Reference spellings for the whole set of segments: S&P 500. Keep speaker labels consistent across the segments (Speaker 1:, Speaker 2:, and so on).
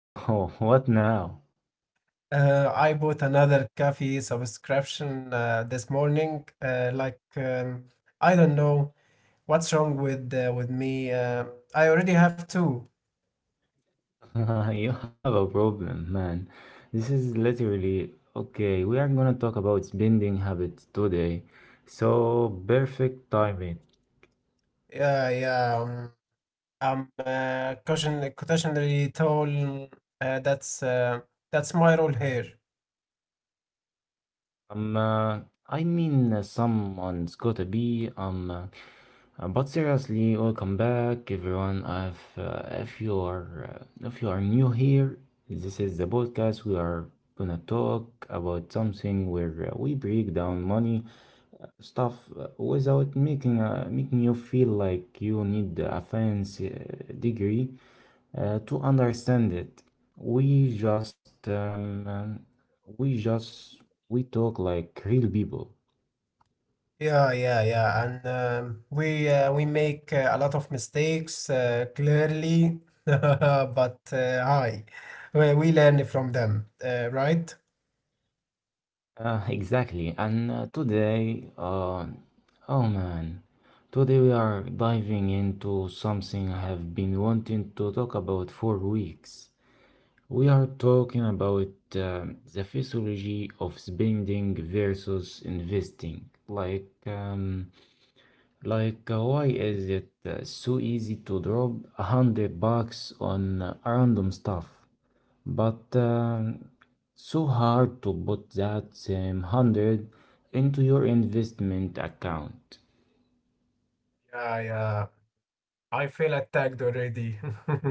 Speaker 1: Oh no, what now?
Speaker 2: I bought another coffee subscription this morning. I don't know what's wrong with with me. I already have two.
Speaker 1: You have a problem, man. This is literally okay. We are gonna talk about spending habits today, so perfect timing.
Speaker 2: Yeah, yeah. I'm cautionary tall. That's that's my role here.
Speaker 1: Um, uh, I mean, someone's gotta be. But seriously, welcome back, everyone. If you are new here, this is the podcast. We are gonna talk about something where we break down money stuff without making you feel like you need a fancy degree to understand it, we just um, um, we just we talk like real people.
Speaker 2: Yeah, yeah, yeah, and we make a lot of mistakes clearly, but hi, we learn from them, right?
Speaker 1: Exactly, and today, oh man, today we are diving into something I have been wanting to talk about for weeks. We are talking about the physiology of spending versus investing. Like, why is it so easy to drop $100 on random stuff, but so hard to put that same hundred into your investment account?
Speaker 2: Yeah, yeah, I feel attacked already.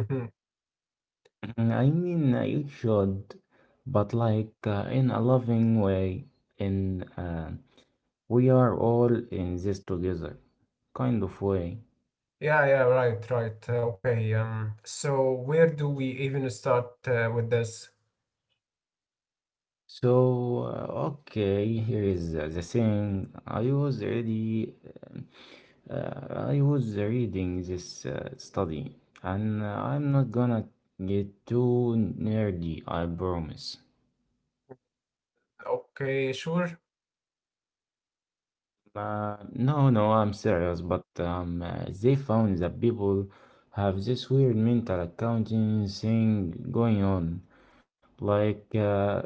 Speaker 1: I mean, you should, but like in a loving way, in we are all in this together kind of way.
Speaker 2: Yeah, yeah, right, right. Okay, so where do we even start with this?
Speaker 1: So, okay, here is the thing. Uh, I was reading this study, and I'm not gonna get too nerdy, I promise.
Speaker 2: Okay, sure.
Speaker 1: No, I'm serious, but they found that people have this weird mental accounting thing going on. Like, uh,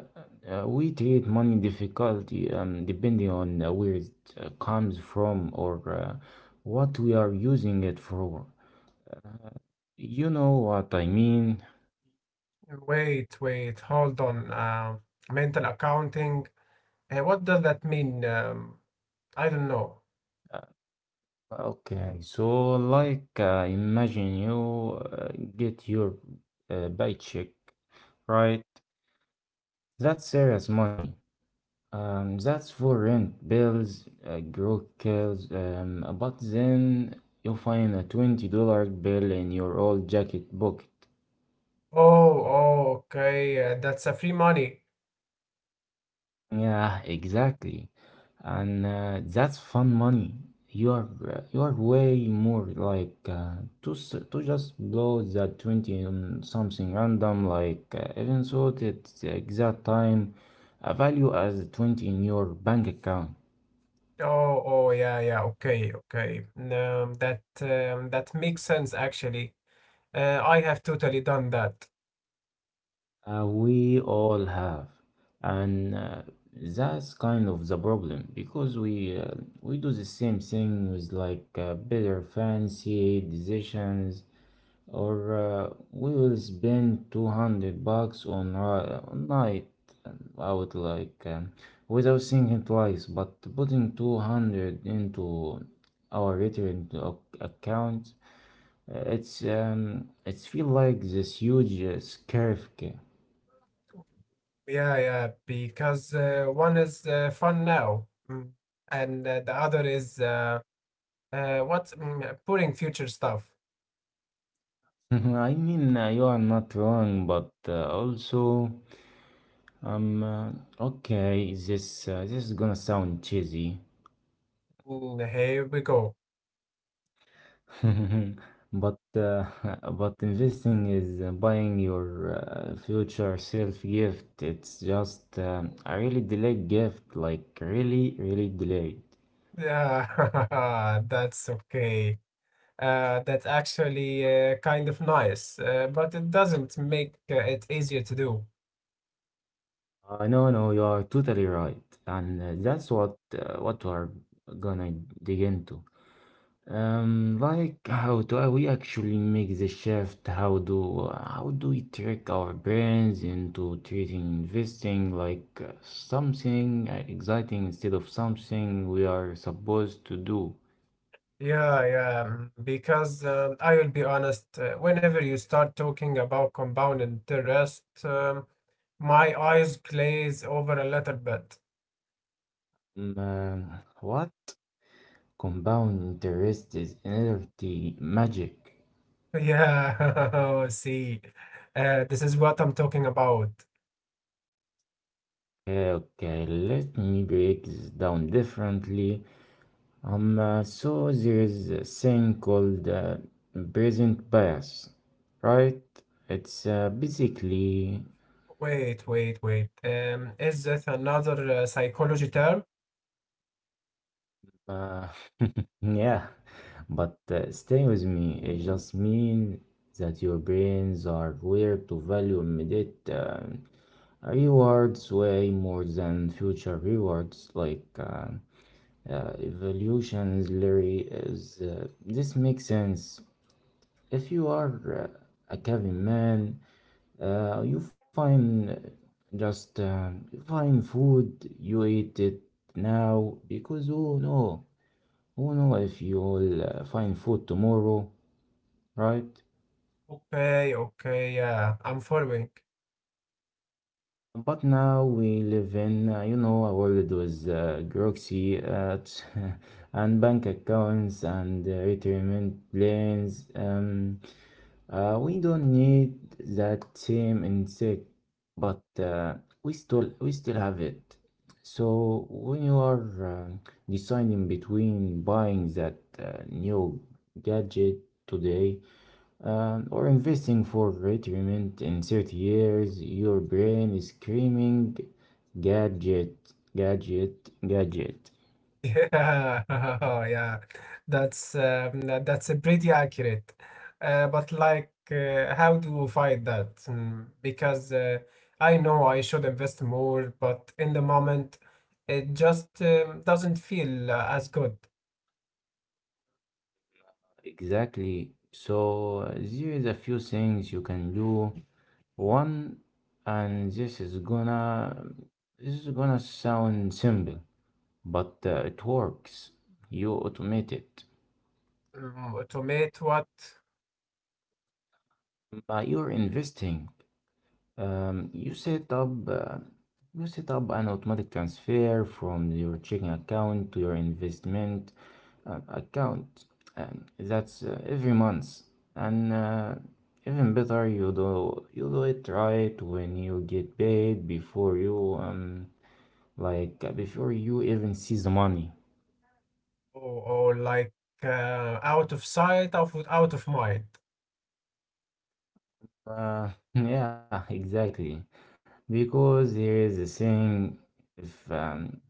Speaker 1: uh, we treat money difficulty depending on where it comes from or what we are using it for. You know what I mean?
Speaker 2: Wait, wait, hold on. Mental accounting. What does that mean? I don't know.
Speaker 1: Okay, so like imagine you get your paycheck, right? That's serious money. That's for rent, bills, groceries. But then you find a $20 bill in your old jacket pocket.
Speaker 2: Oh, oh, okay. That's a free money.
Speaker 1: Yeah, exactly. And that's fun money. You are way more like uh, to just blow that 20 on something random, like even so at the exact time a value as 20 in your bank account.
Speaker 2: Oh, oh, yeah, yeah. Okay, okay. That makes sense actually. I have totally done that.
Speaker 1: We all have. And that's kind of the problem, because we do the same thing with like better fancy decisions, or we will spend 200 bucks on night out, without thinking twice, but putting 200 into our return account, it's feel like this huge scarf.
Speaker 2: Yeah, yeah. Because one is fun now, and the other is boring future stuff.
Speaker 1: I mean, you are not wrong, but also, um, uh, okay, this is gonna sound cheesy.
Speaker 2: Here we go.
Speaker 1: But but investing is buying your future self gift. It's just a really delayed gift, like really, really delayed.
Speaker 2: Yeah, that's okay. That's actually kind of nice, but it doesn't make it easier to do.
Speaker 1: No, you are totally right, and that's what we are gonna dig into. Like, how do we actually make the shift? How do we trick our brains into treating investing like something exciting instead of something we are supposed to do?
Speaker 2: Yeah, yeah, because I will be honest, whenever you start talking about compound interest, my eyes glaze over a little bit.
Speaker 1: What, compound interest is energy magic?
Speaker 2: Yeah, see, this is what I'm talking about.
Speaker 1: Okay, okay, let me break this down differently. So there is a thing called present bias, right? It's basically,
Speaker 2: Wait, wait, wait. Is this another psychology term?
Speaker 1: uh, yeah, but stay with me. It just means that your brains are wired to value immediate rewards way more than future rewards, like evolution's Larry is. This makes sense if you are a caveman. You find just you find food, you eat it now, because who know if you'll find food tomorrow, right?
Speaker 2: Okay, okay, yeah, I'm following.
Speaker 1: But now we live in, you know, a world with bureaucracy and bank accounts and retirement plans. We don't need that same insect, but we still have it. So when you are deciding between buying that new gadget today or investing for retirement in 30 years, your brain is screaming gadget, gadget, gadget.
Speaker 2: Yeah, yeah, that's a pretty accurate. But like, how do we fight that? Because I know I should invest more, but in the moment, it just doesn't feel as good.
Speaker 1: Exactly. So there is a few things you can do. One, and this is gonna sound simple, but it works. You automate it.
Speaker 2: To meet what?
Speaker 1: You're investing. Um, you set up uh, you set up an automatic transfer from your checking account to your investment account, and that's every month. And even better, you do it right when you get paid, before you before you even see the money.
Speaker 2: Or, or like out of sight, out of mind.
Speaker 1: Yeah, exactly. Because there is a saying, if um,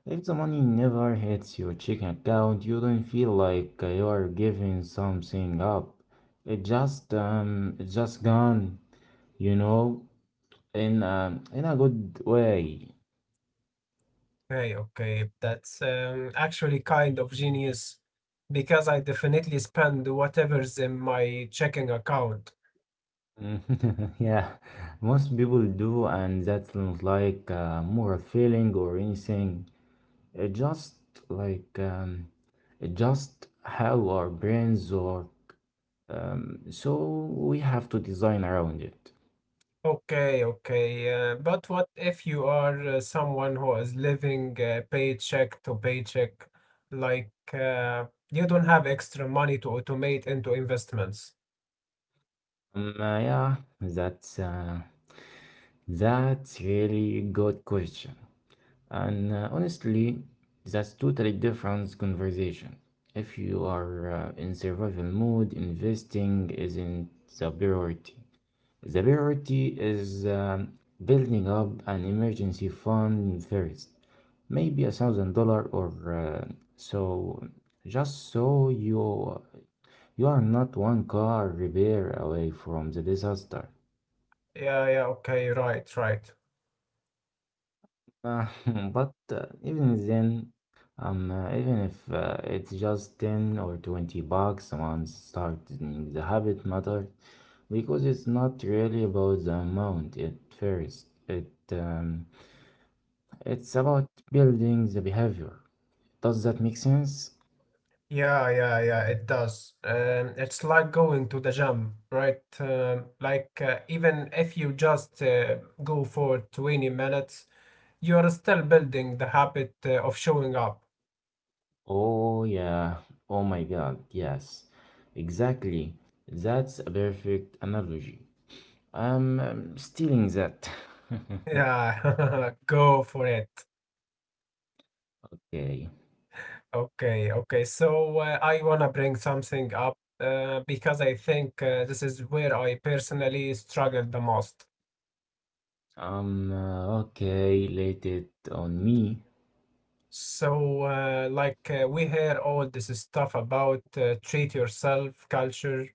Speaker 1: if the money never hits your checking account, you don't feel like you are giving something up. It's just gone, you know, in a good way.
Speaker 2: Okay, okay. That's actually kind of genius because I definitely spend whatever's in my checking account.
Speaker 1: Yeah, most people do, and that's not like more a feeling or anything. Just like um, just how our brains are. So we have to design around it.
Speaker 2: Okay, okay. But what if you are someone who is living paycheck to paycheck? Like you don't have extra money to automate into investments.
Speaker 1: Yeah, that's really good question. And honestly, that's totally different conversation. If you are in survival mode, investing isn't the priority. The priority is building up an emergency fund first, maybe $1,000 or so, just so you are not one car repair away from the disaster.
Speaker 2: Yeah, yeah, okay, right, right.
Speaker 1: Uh, but even then, even if it's just 10 or 20 bucks a month, starting the habit matters, because it's not really about the amount at first. It's about building the behavior. Does that make sense?
Speaker 2: Yeah, yeah, yeah, it does. It's like going to the gym, right? Like even if you just go for 20 minutes, you are still building the habit of showing up.
Speaker 1: Oh, yeah. Oh my God. Yes. Exactly. That's a perfect analogy. I'm, stealing that.
Speaker 2: Yeah, go for it.
Speaker 1: Okay.
Speaker 2: Okay, okay. So I want to bring something up because I think this is where I personally struggle the most.
Speaker 1: Okay. Let it on me.
Speaker 2: So, like, we hear all this stuff about treat yourself culture,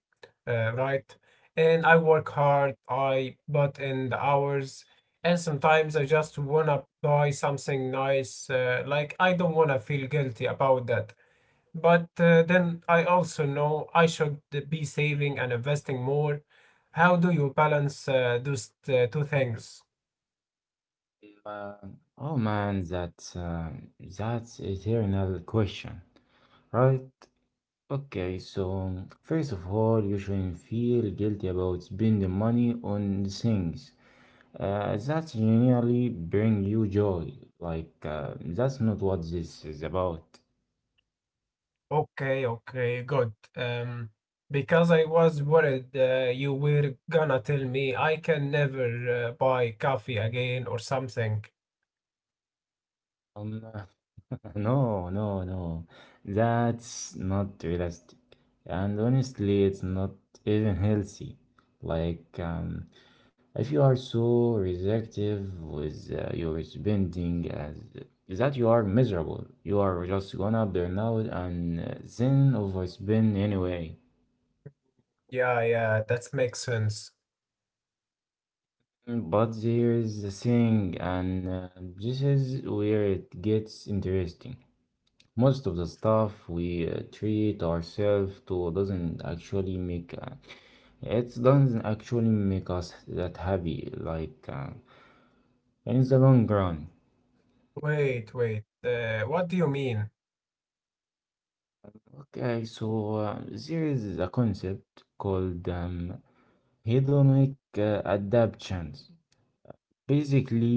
Speaker 2: right? And I work hard, I put in the hours, and sometimes I just want to buy something nice. Like, I don't want to feel guilty about that. But then I also know I should be saving and investing more. How do you balance those two things?
Speaker 1: Man. Oh man, that's eternal question, right? Okay, so first of all, you shouldn't feel guilty about spending money on things that genuinely bring you joy. Like that's not what this is about.
Speaker 2: Okay, okay, good. Because I was worried you were gonna tell me I can never buy coffee again or something.
Speaker 1: Um, no, no, no. That's not realistic, and honestly, it's not even healthy. Like, if you are so restrictive with your spending, as that you are miserable. You are just gonna burn out and then overspend anyway.
Speaker 2: Yeah, yeah, that makes sense.
Speaker 1: But there is a thing, and this is where it gets interesting. Most of the stuff we treat ourselves to doesn't actually make it doesn't actually make us that happy. Like in the long run.
Speaker 2: Wait, wait. What do you mean?
Speaker 1: Okay, so there is a concept called hedonic adaptations. Basically,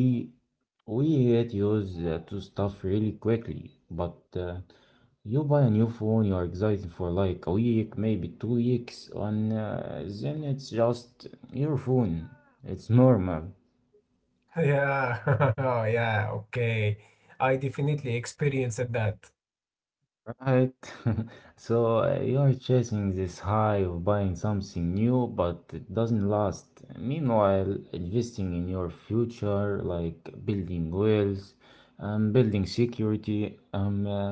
Speaker 1: we get used to stuff really quickly, but you buy a new phone, you are excited for like a week, maybe 2 weeks, and then it's just your phone. It's normal,
Speaker 2: Yeah, yeah, okay. I definitely experienced that.
Speaker 1: right? So you are chasing this high of buying something new, but it doesn't last. Meanwhile, investing in your future, like building wealth, building security, um, uh,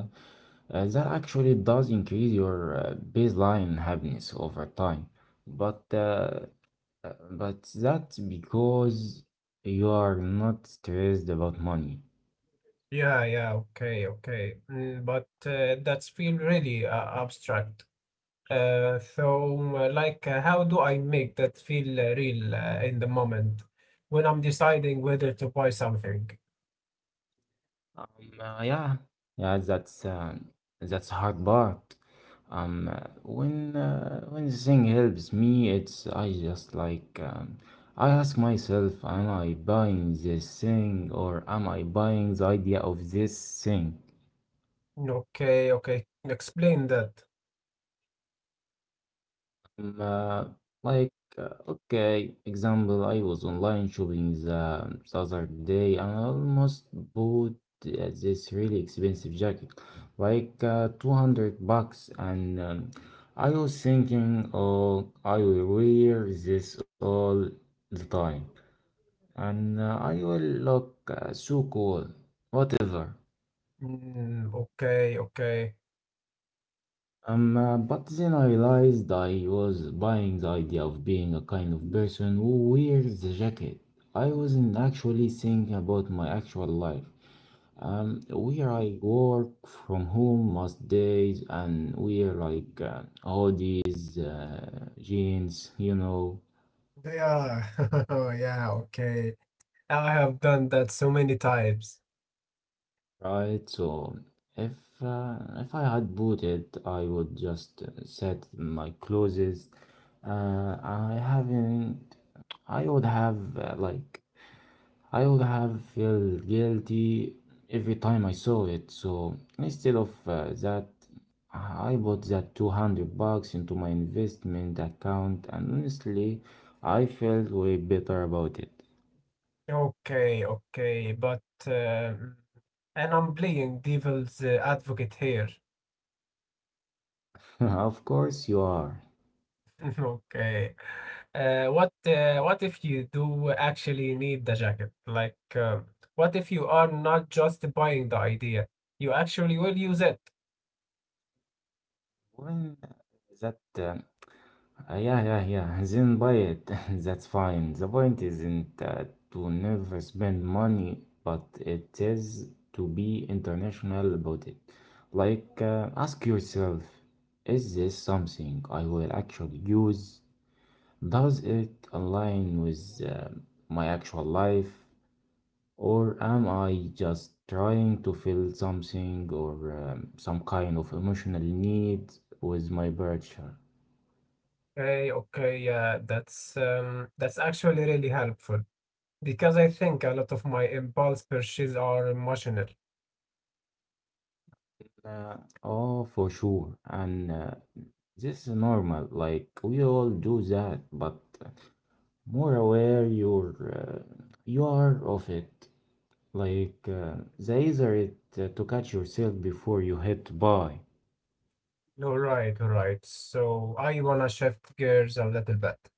Speaker 1: uh, that actually does increase your baseline happiness over time. But uh, But that's because you are not stressed about money.
Speaker 2: Yeah, yeah, okay, okay. But that's feel really abstract. So, like, how do I make that feel real in the moment when I'm deciding whether to buy something?
Speaker 1: Um, yeah, yeah, that's hard part. When when the thing helps me, it's I just I ask myself, am I buying this thing, or am I buying the idea of this thing?
Speaker 2: Okay, okay. Explain that.
Speaker 1: Mm, uh, like, okay, example, I was online shopping the other day and I almost bought this really expensive jacket, like 200 bucks. And I was thinking, oh, I will wear this all the time, and I will look so cool, whatever.
Speaker 2: Mm, okay, okay.
Speaker 1: But then I realized I was buying the idea of being a kind of person who wears the jacket. I wasn't actually thinking about my actual life. Where I work from home most days and wear like hoodies, jeans, you know.
Speaker 2: Yeah, yeah, okay. I have done that so many times.
Speaker 1: Right, so if if I had bought it, I would just set my clothes. I haven't. I would have I would have felt guilty every time I saw it. So instead of that, I bought that 200 bucks into my investment account, and honestly, I felt way better about it.
Speaker 2: Okay, okay. But, and I'm playing devil's advocate here.
Speaker 1: Of course you are.
Speaker 2: Okay. What if you do actually need the jacket? Like, what if you are not just buying the idea? You actually will use it.
Speaker 1: When that Yeah, yeah, yeah. Then buy it. That's fine. The point isn't to never spend money, but it is to be international about it. Like, ask yourself, is this something I will actually use? Does it align with my actual life? Or am I just trying to fill something, or some kind of emotional need with my purchase?
Speaker 2: Okay, okay, yeah, that's actually really helpful because I think a lot of my impulse purchases are emotional.
Speaker 1: Uh, oh, for sure. And this is normal. Like we all do that, but more aware you are of it. Like the easier it to catch yourself before you hit buy.
Speaker 2: All right, all right. So I wanna shift gears a little bit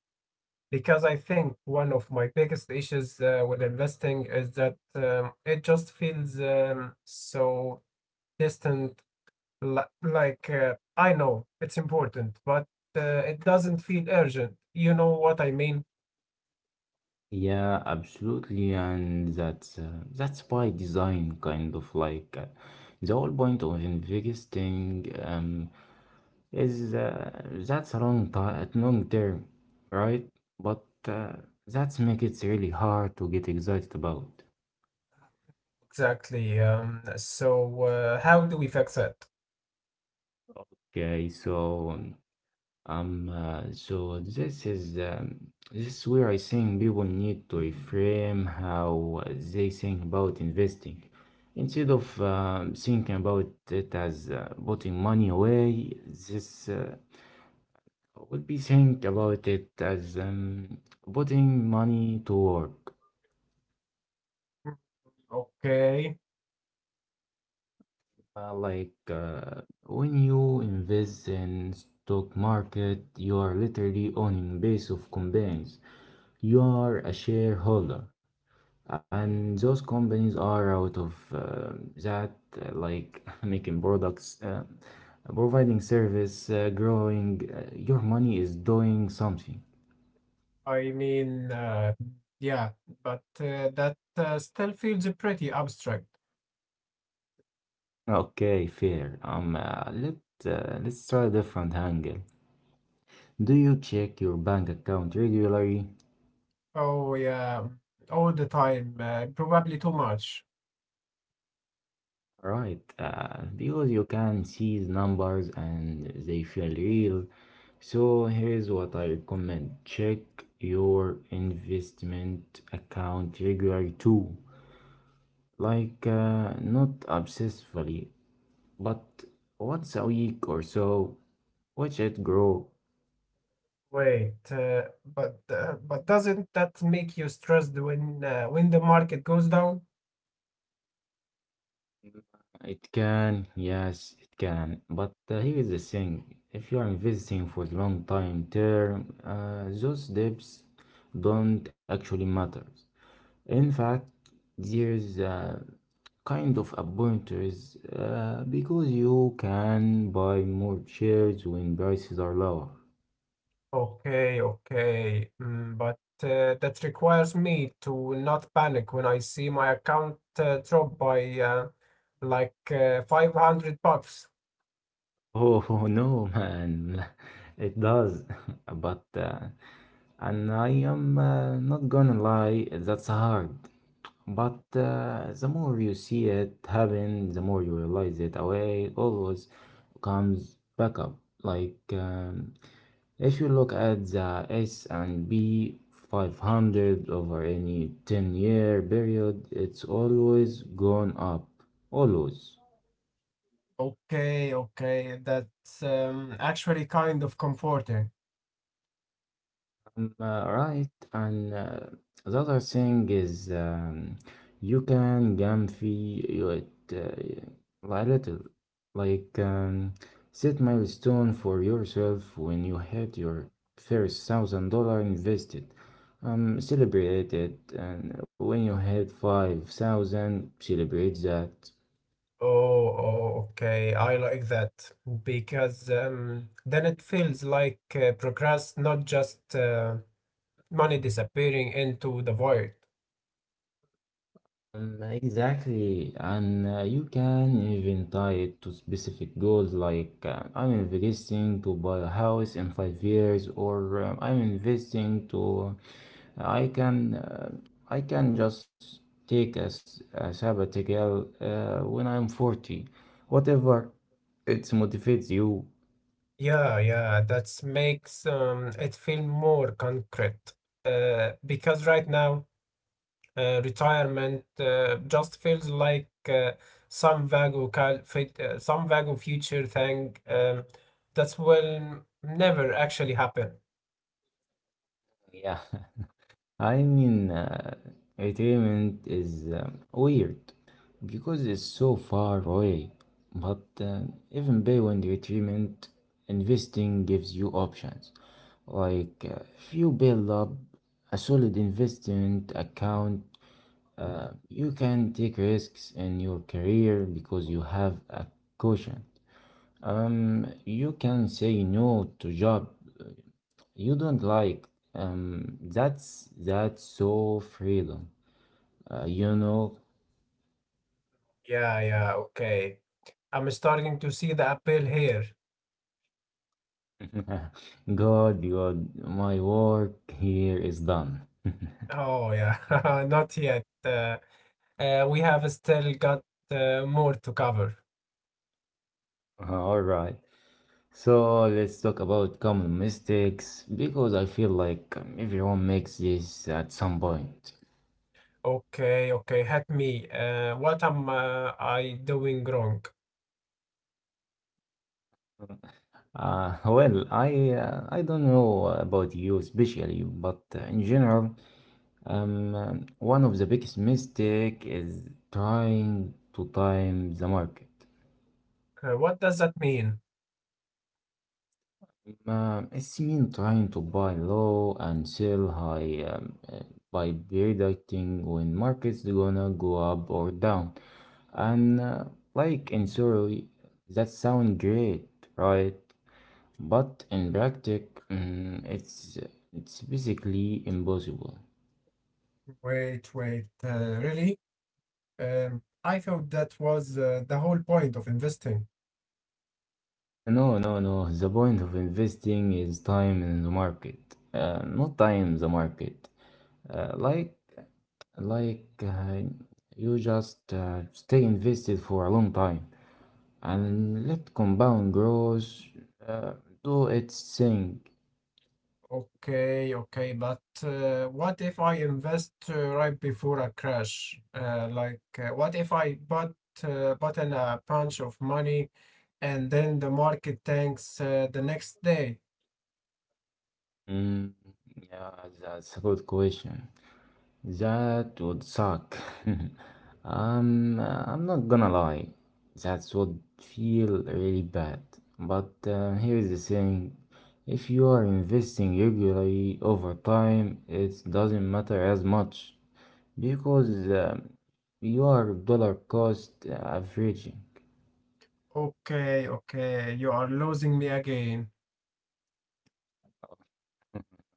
Speaker 2: because I think one of my biggest issues with investing is that it just feels so distant. Like I know it's important, but it doesn't feel urgent. You know what I mean?
Speaker 1: Yeah, absolutely, and that's by design, kind of like the whole point of investing. Is that's a long time long term, right? But that's make it really hard to get excited about.
Speaker 2: Exactly. So, how do we fix it?
Speaker 1: Okay, so this is where I think people need to reframe how they think about investing. Instead of thinking about it as putting money away, this would be think about it as putting money to work.
Speaker 2: Okay.
Speaker 1: Like when you invest in stock market, you are literally owning base of companies. You are a shareholder, and those companies are out of that, like making products, providing service, growing. Your money is doing something.
Speaker 2: I mean, yeah, but that still feels pretty abstract.
Speaker 1: Okay, fair. Let let's try a different angle. Do you check your bank account regularly?
Speaker 2: Oh, yeah, all the time, probably too much.
Speaker 1: Right, because you can see the numbers and they feel real. So here's what I recommend. Check your investment account regularly too. Like not obsessively, but once a week or so. Watch it grow.
Speaker 2: Wait, but doesn't that make you stressed when the market goes down?
Speaker 1: It can, yes, it can. But here is the thing. If you are investing for the long time term, those debts don't actually matter. In fact, there's a kind of a pointers because you can buy more shares when prices are lower.
Speaker 2: Okay, okay, but that requires me to not panic when I see my account drop by like 500 bucks.
Speaker 1: Oh no, man, it does. But and I am not gonna lie, that's hard. But the more you see it happen, the more you realize it. Away always comes back up. Like if you look at the S&P 500 over any 10-year period, it's always gone up, always.
Speaker 2: Okay, okay. That's actually kind of comforting.
Speaker 1: Right, and the other thing is you can jam feel it a little, like set milestone for yourself when you had your first $1,000 invested. Celebrate it, and when you had 5,000, celebrate that.
Speaker 2: Oh, oh, okay. I like that because then it feels like progress, not just money disappearing into the void.
Speaker 1: Exactly, and you can even tie it to specific goals like I'm investing to buy a house in 5 years, or I'm investing to uh, I can uh, I can just take a sabbatical when I'm 40, whatever it motivates you.
Speaker 2: Yeah, yeah, that makes it feel more concrete. Because right now, retirement just feels like some vague future thing that will never actually happen.
Speaker 1: Yeah. I mean, retirement is weird because it's so far away. But even beyond retirement, investing gives you options. Like, if you build up a solid investment account, you can take risks in your career because you have a cushion. You can say no to job you don't like. That's so freedom. You know,
Speaker 2: Yeah, yeah, okay. I'm starting to see the appeal here.
Speaker 1: God, your my work here is done.
Speaker 2: Oh yeah, not yet. We have still got more to cover.
Speaker 1: All right. So let's talk about common mistakes because I feel like everyone makes this at some point.
Speaker 2: Okay, okay, help me. What am I doing wrong?
Speaker 1: Well, I don't know about you especially, but in general, one of the biggest mistake is trying to time the market.
Speaker 2: What does that mean?
Speaker 1: It's mean trying to buy low and sell high by predicting when markets gonna go up or down. And like in theory, that sound great, right? But in practice, mm, it's it's basically impossible.
Speaker 2: Wait, wait, really? I thought that was the whole point of investing.
Speaker 1: No, no, no. The point of investing is time in the market, not time the market. Uh, like Like you just stay invested for a long time and let compound growth uh, do its thing.
Speaker 2: Okay, okay, but what if I invest right before a crash? Like, what if I bought in a bunch of money and then the market tanks the next day?
Speaker 1: Mm, yeah, that's a good question. That would suck. I'm not gonna lie. That would feel really bad. But here's the thing. If you are investing regularly over time, it doesn't matter as much, because you dollar cost averaging.
Speaker 2: Okay, okay, you are losing me again.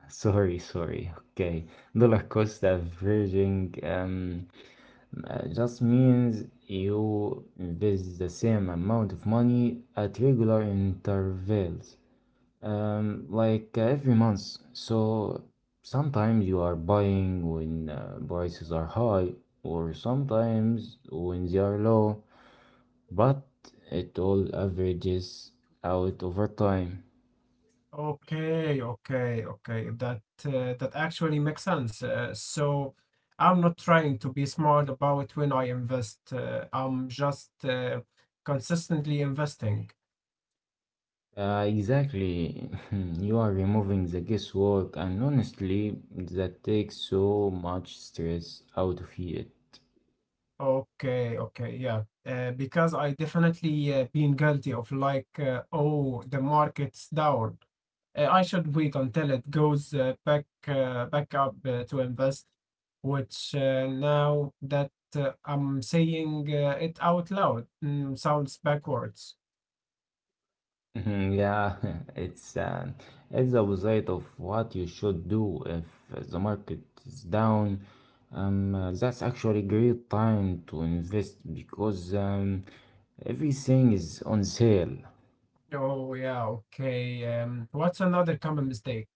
Speaker 1: Sorry, sorry. Okay, dollar cost averaging just means you invest the same amount of money at regular intervals, like every month. So sometimes you are buying when prices are high, or sometimes when they are low, but it all averages out over time.
Speaker 2: Okay, okay, okay. That actually makes sense. So I'm not trying to be smart about when I invest. I'm just consistently investing.
Speaker 1: Exactly. You are removing the guesswork, and honestly, that takes so much stress out of it.
Speaker 2: Okay, okay, yeah. Because I definitely been guilty of like, oh, the market's down. I should wait until it goes back up to invest. Which now that I'm saying it out loud, sounds backwards.
Speaker 1: Mhm. Yeah, it's uh, it's the opposite of what you should do if the market is down. That's actually a great time to invest because everything is on sale.
Speaker 2: Oh yeah, okay. What's another common mistake?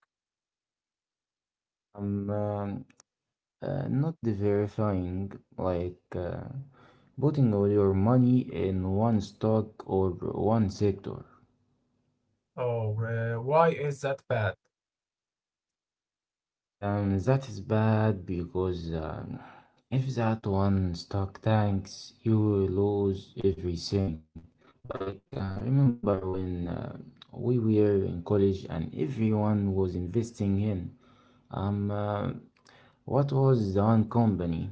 Speaker 1: I'm Not verifying like. Putting all your money in one stock or one sector.
Speaker 2: Oh, why is that bad?
Speaker 1: That is bad because if that one stock tanks, you will lose everything. Like, remember when we were in college and everyone was investing in um, uh, what was the one company?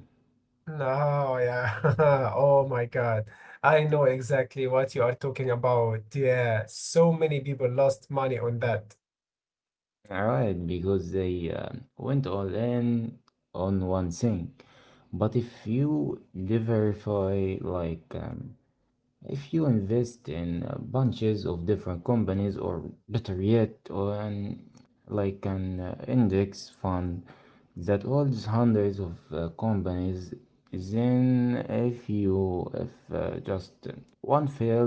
Speaker 2: No, yeah. Oh my God. I know exactly what you are talking about. Yeah, so many people lost money on that.
Speaker 1: Alright, because they went all in on one thing. But if you diversify, like, if you invest in bunches of different companies, or better yet, like an index fund that holds hundreds of companies, then if just one fails,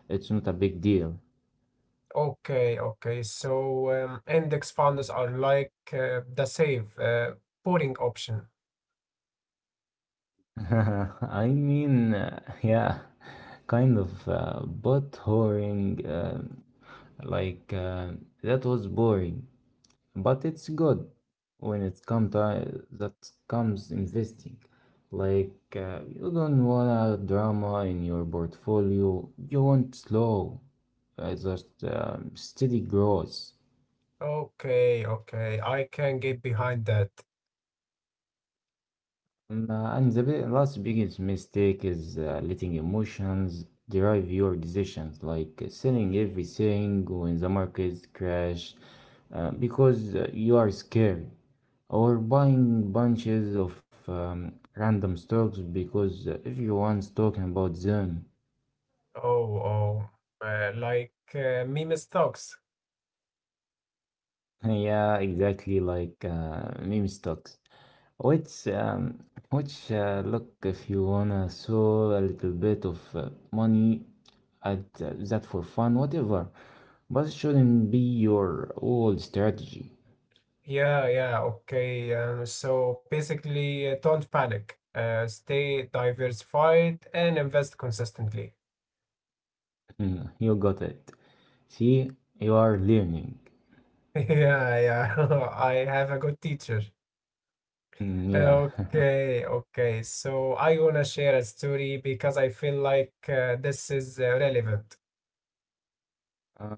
Speaker 1: it's not a big deal.
Speaker 2: Okay, okay. So index funds are like the safe, boring option.
Speaker 1: I mean, yeah, kind of, but boring. Like that was boring. But it's good when it comes time that comes investing, like you don't want a drama in your portfolio, you want slow, just steady growth.
Speaker 2: Okay, okay. I can get behind that.
Speaker 1: And the last biggest mistake is letting emotions drive your decisions, like selling everything when the market crash because you are scared, or buying bunches of random stocks because everyone's talking about them.
Speaker 2: Oh, oh. Like meme stocks.
Speaker 1: Yeah, exactly like meme stocks. Which, um, which look, if you wanna sell a little bit of money at that for fun, whatever. But it shouldn't be your old strategy.
Speaker 2: Yeah, yeah, okay. So basically, don't panic. Stay diversified and invest consistently.
Speaker 1: You got it. See, you are learning.
Speaker 2: Yeah, yeah. I have a good teacher.
Speaker 1: Mm, yeah.
Speaker 2: Okay, okay. So I wanna share a story because I feel like this is relevant.
Speaker 1: Uh,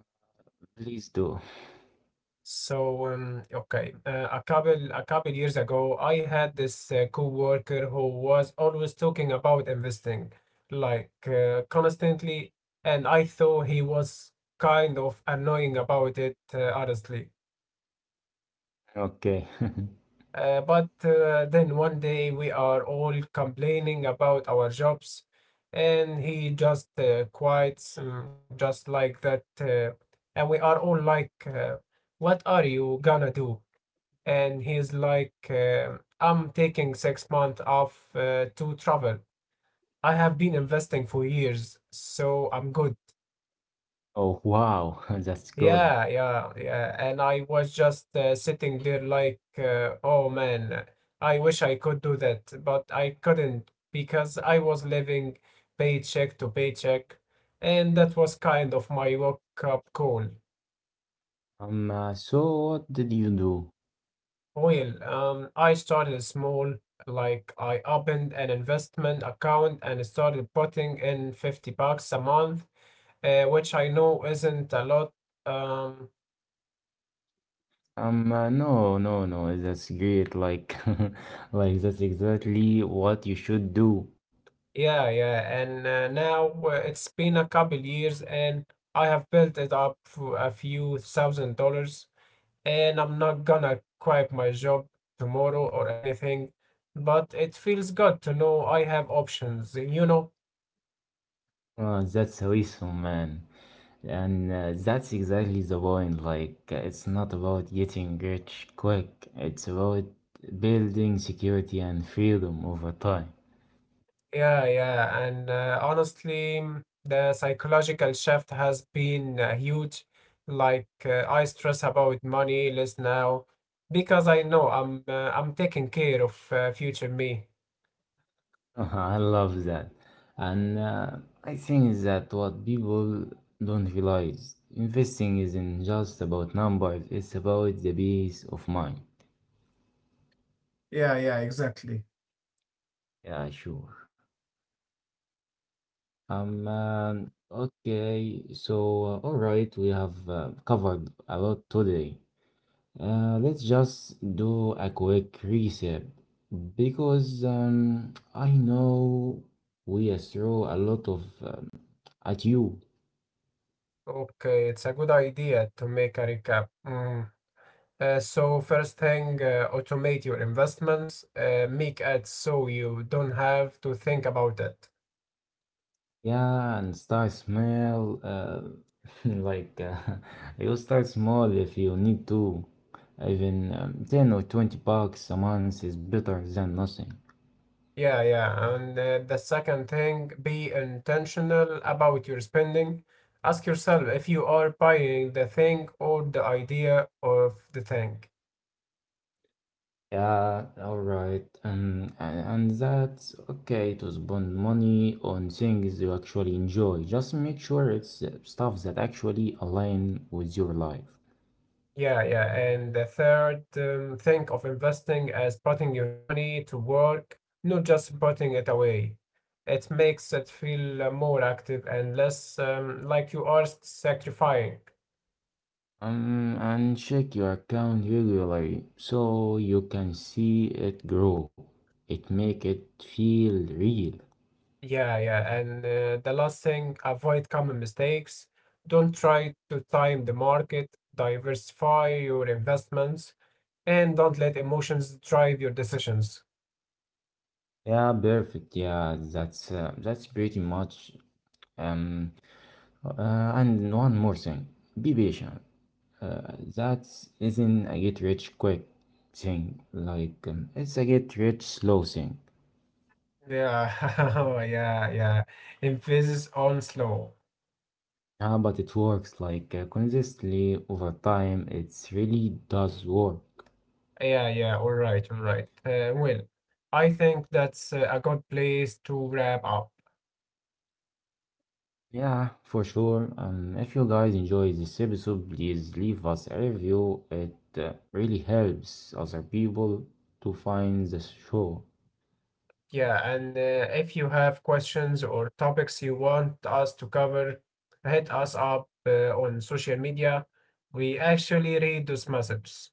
Speaker 1: Please do.
Speaker 2: So, okay, a couple years ago, I had this coworker who was always talking about investing, like constantly, and I thought he was kind of annoying about it, honestly.
Speaker 1: Okay.
Speaker 2: But then one day we are all complaining about our jobs, and he just quits, just like that, and we are all like, "What are you gonna do?" And he's like, I'm taking 6 months off to travel. I have been investing for years, so I'm good.
Speaker 1: Oh, wow. That's good.
Speaker 2: Yeah, yeah, yeah. And I was just sitting there like, oh man, I wish I could do that, but I couldn't because I was living paycheck to paycheck, and that was kind of my wake-up call.
Speaker 1: So what did you do?
Speaker 2: Well, I started small, like I opened an investment account and started putting in 50 bucks a month, which I know isn't a lot. Um,
Speaker 1: No, no, no. That's great. Like, like that's exactly what you should do.
Speaker 2: yeah, yeah, and now it's been a couple years and I have built it up for a few thousand dollars, and I'm not gonna quit my job tomorrow or anything, but it feels good to know I have options.
Speaker 1: That's awesome, man. And that's exactly the point. Like, it's not about getting rich quick, it's about building security and freedom over time.
Speaker 2: Yeah, yeah, and honestly, the psychological shift has been huge. Like I stress about money less now because I know I'm taking care of future me.
Speaker 1: I love that. And I think that what people don't realize investing isn't just about numbers, it's about the peace of mind.
Speaker 2: Yeah, yeah, exactly.
Speaker 1: Yeah, sure. Okay, so all right, we have covered a lot today. Let's just do a quick reset because I know we throw a lot of at you.
Speaker 2: Okay, it's a good idea to make a recap. Mm. So first thing, automate your investments. Make it so you don't have to think about it.
Speaker 1: Yeah, and start small. Like you start small if you need to. Even 10 or 20 bucks a month is better than nothing.
Speaker 2: Yeah, yeah. And the second thing, be intentional about your spending. Ask yourself if you are buying the thing or the idea of the thing.
Speaker 1: Yeah, all right. And that's okay to spend money on things you actually enjoy. Just make sure it's stuff that actually align with your life.
Speaker 2: Yeah, yeah. And the third, think of investing as putting your money to work, not just putting it away. It makes it feel more active and less like you are sacrificing.
Speaker 1: And check your account regularly so you can see it grow. It make it feel real.
Speaker 2: Yeah, yeah. And the last thing, avoid common mistakes. Don't try to time the market, diversify your investments, and don't let emotions drive your decisions.
Speaker 1: Yeah, perfect. Yeah, that's pretty much um uh, and one more thing. Be patient. That isn't a get rich quick thing. Like, it's a get rich slow thing.
Speaker 2: Yeah, yeah, yeah. Emphasis on slow.
Speaker 1: Yeah, but it works like consistently over time. It really does work.
Speaker 2: Yeah, yeah. All right, all right. Well, I think that's a good place to wrap up.
Speaker 1: Yeah, for sure. If you guys enjoy this episode, please leave us a review. It really helps other people to find the show.
Speaker 2: Yeah, and if you have questions or topics you want us to cover, hit us up on social media. We actually read those messages.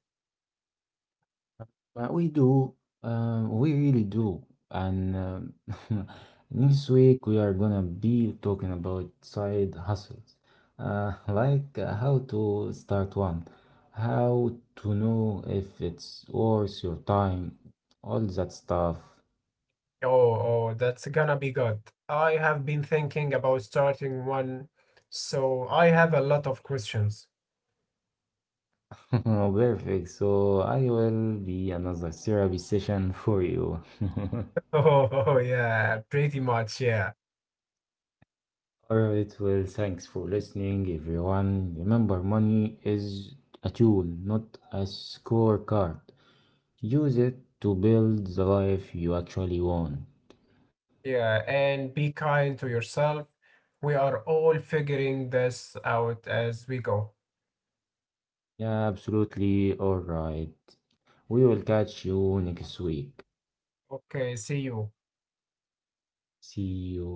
Speaker 1: We do. We really do. And next week we are gonna be talking about side hustles, like how to start one, how to know if it's worth your time, all that stuff.
Speaker 2: Oh, oh, that's gonna be good. I have been thinking about starting one, so I have a lot of questions.
Speaker 1: Perfect. So I will be another therapy session for you.
Speaker 2: Oh, oh, yeah, pretty much, yeah.
Speaker 1: All right, well, thanks for listening, everyone. Remember, money is a tool, not a scorecard. Use it to build the life you actually want.
Speaker 2: Yeah, and be kind to yourself. We are all figuring this out as we go.
Speaker 1: Yeah, absolutely. All right. We will catch you next week.
Speaker 2: Okay, see you.
Speaker 1: See you.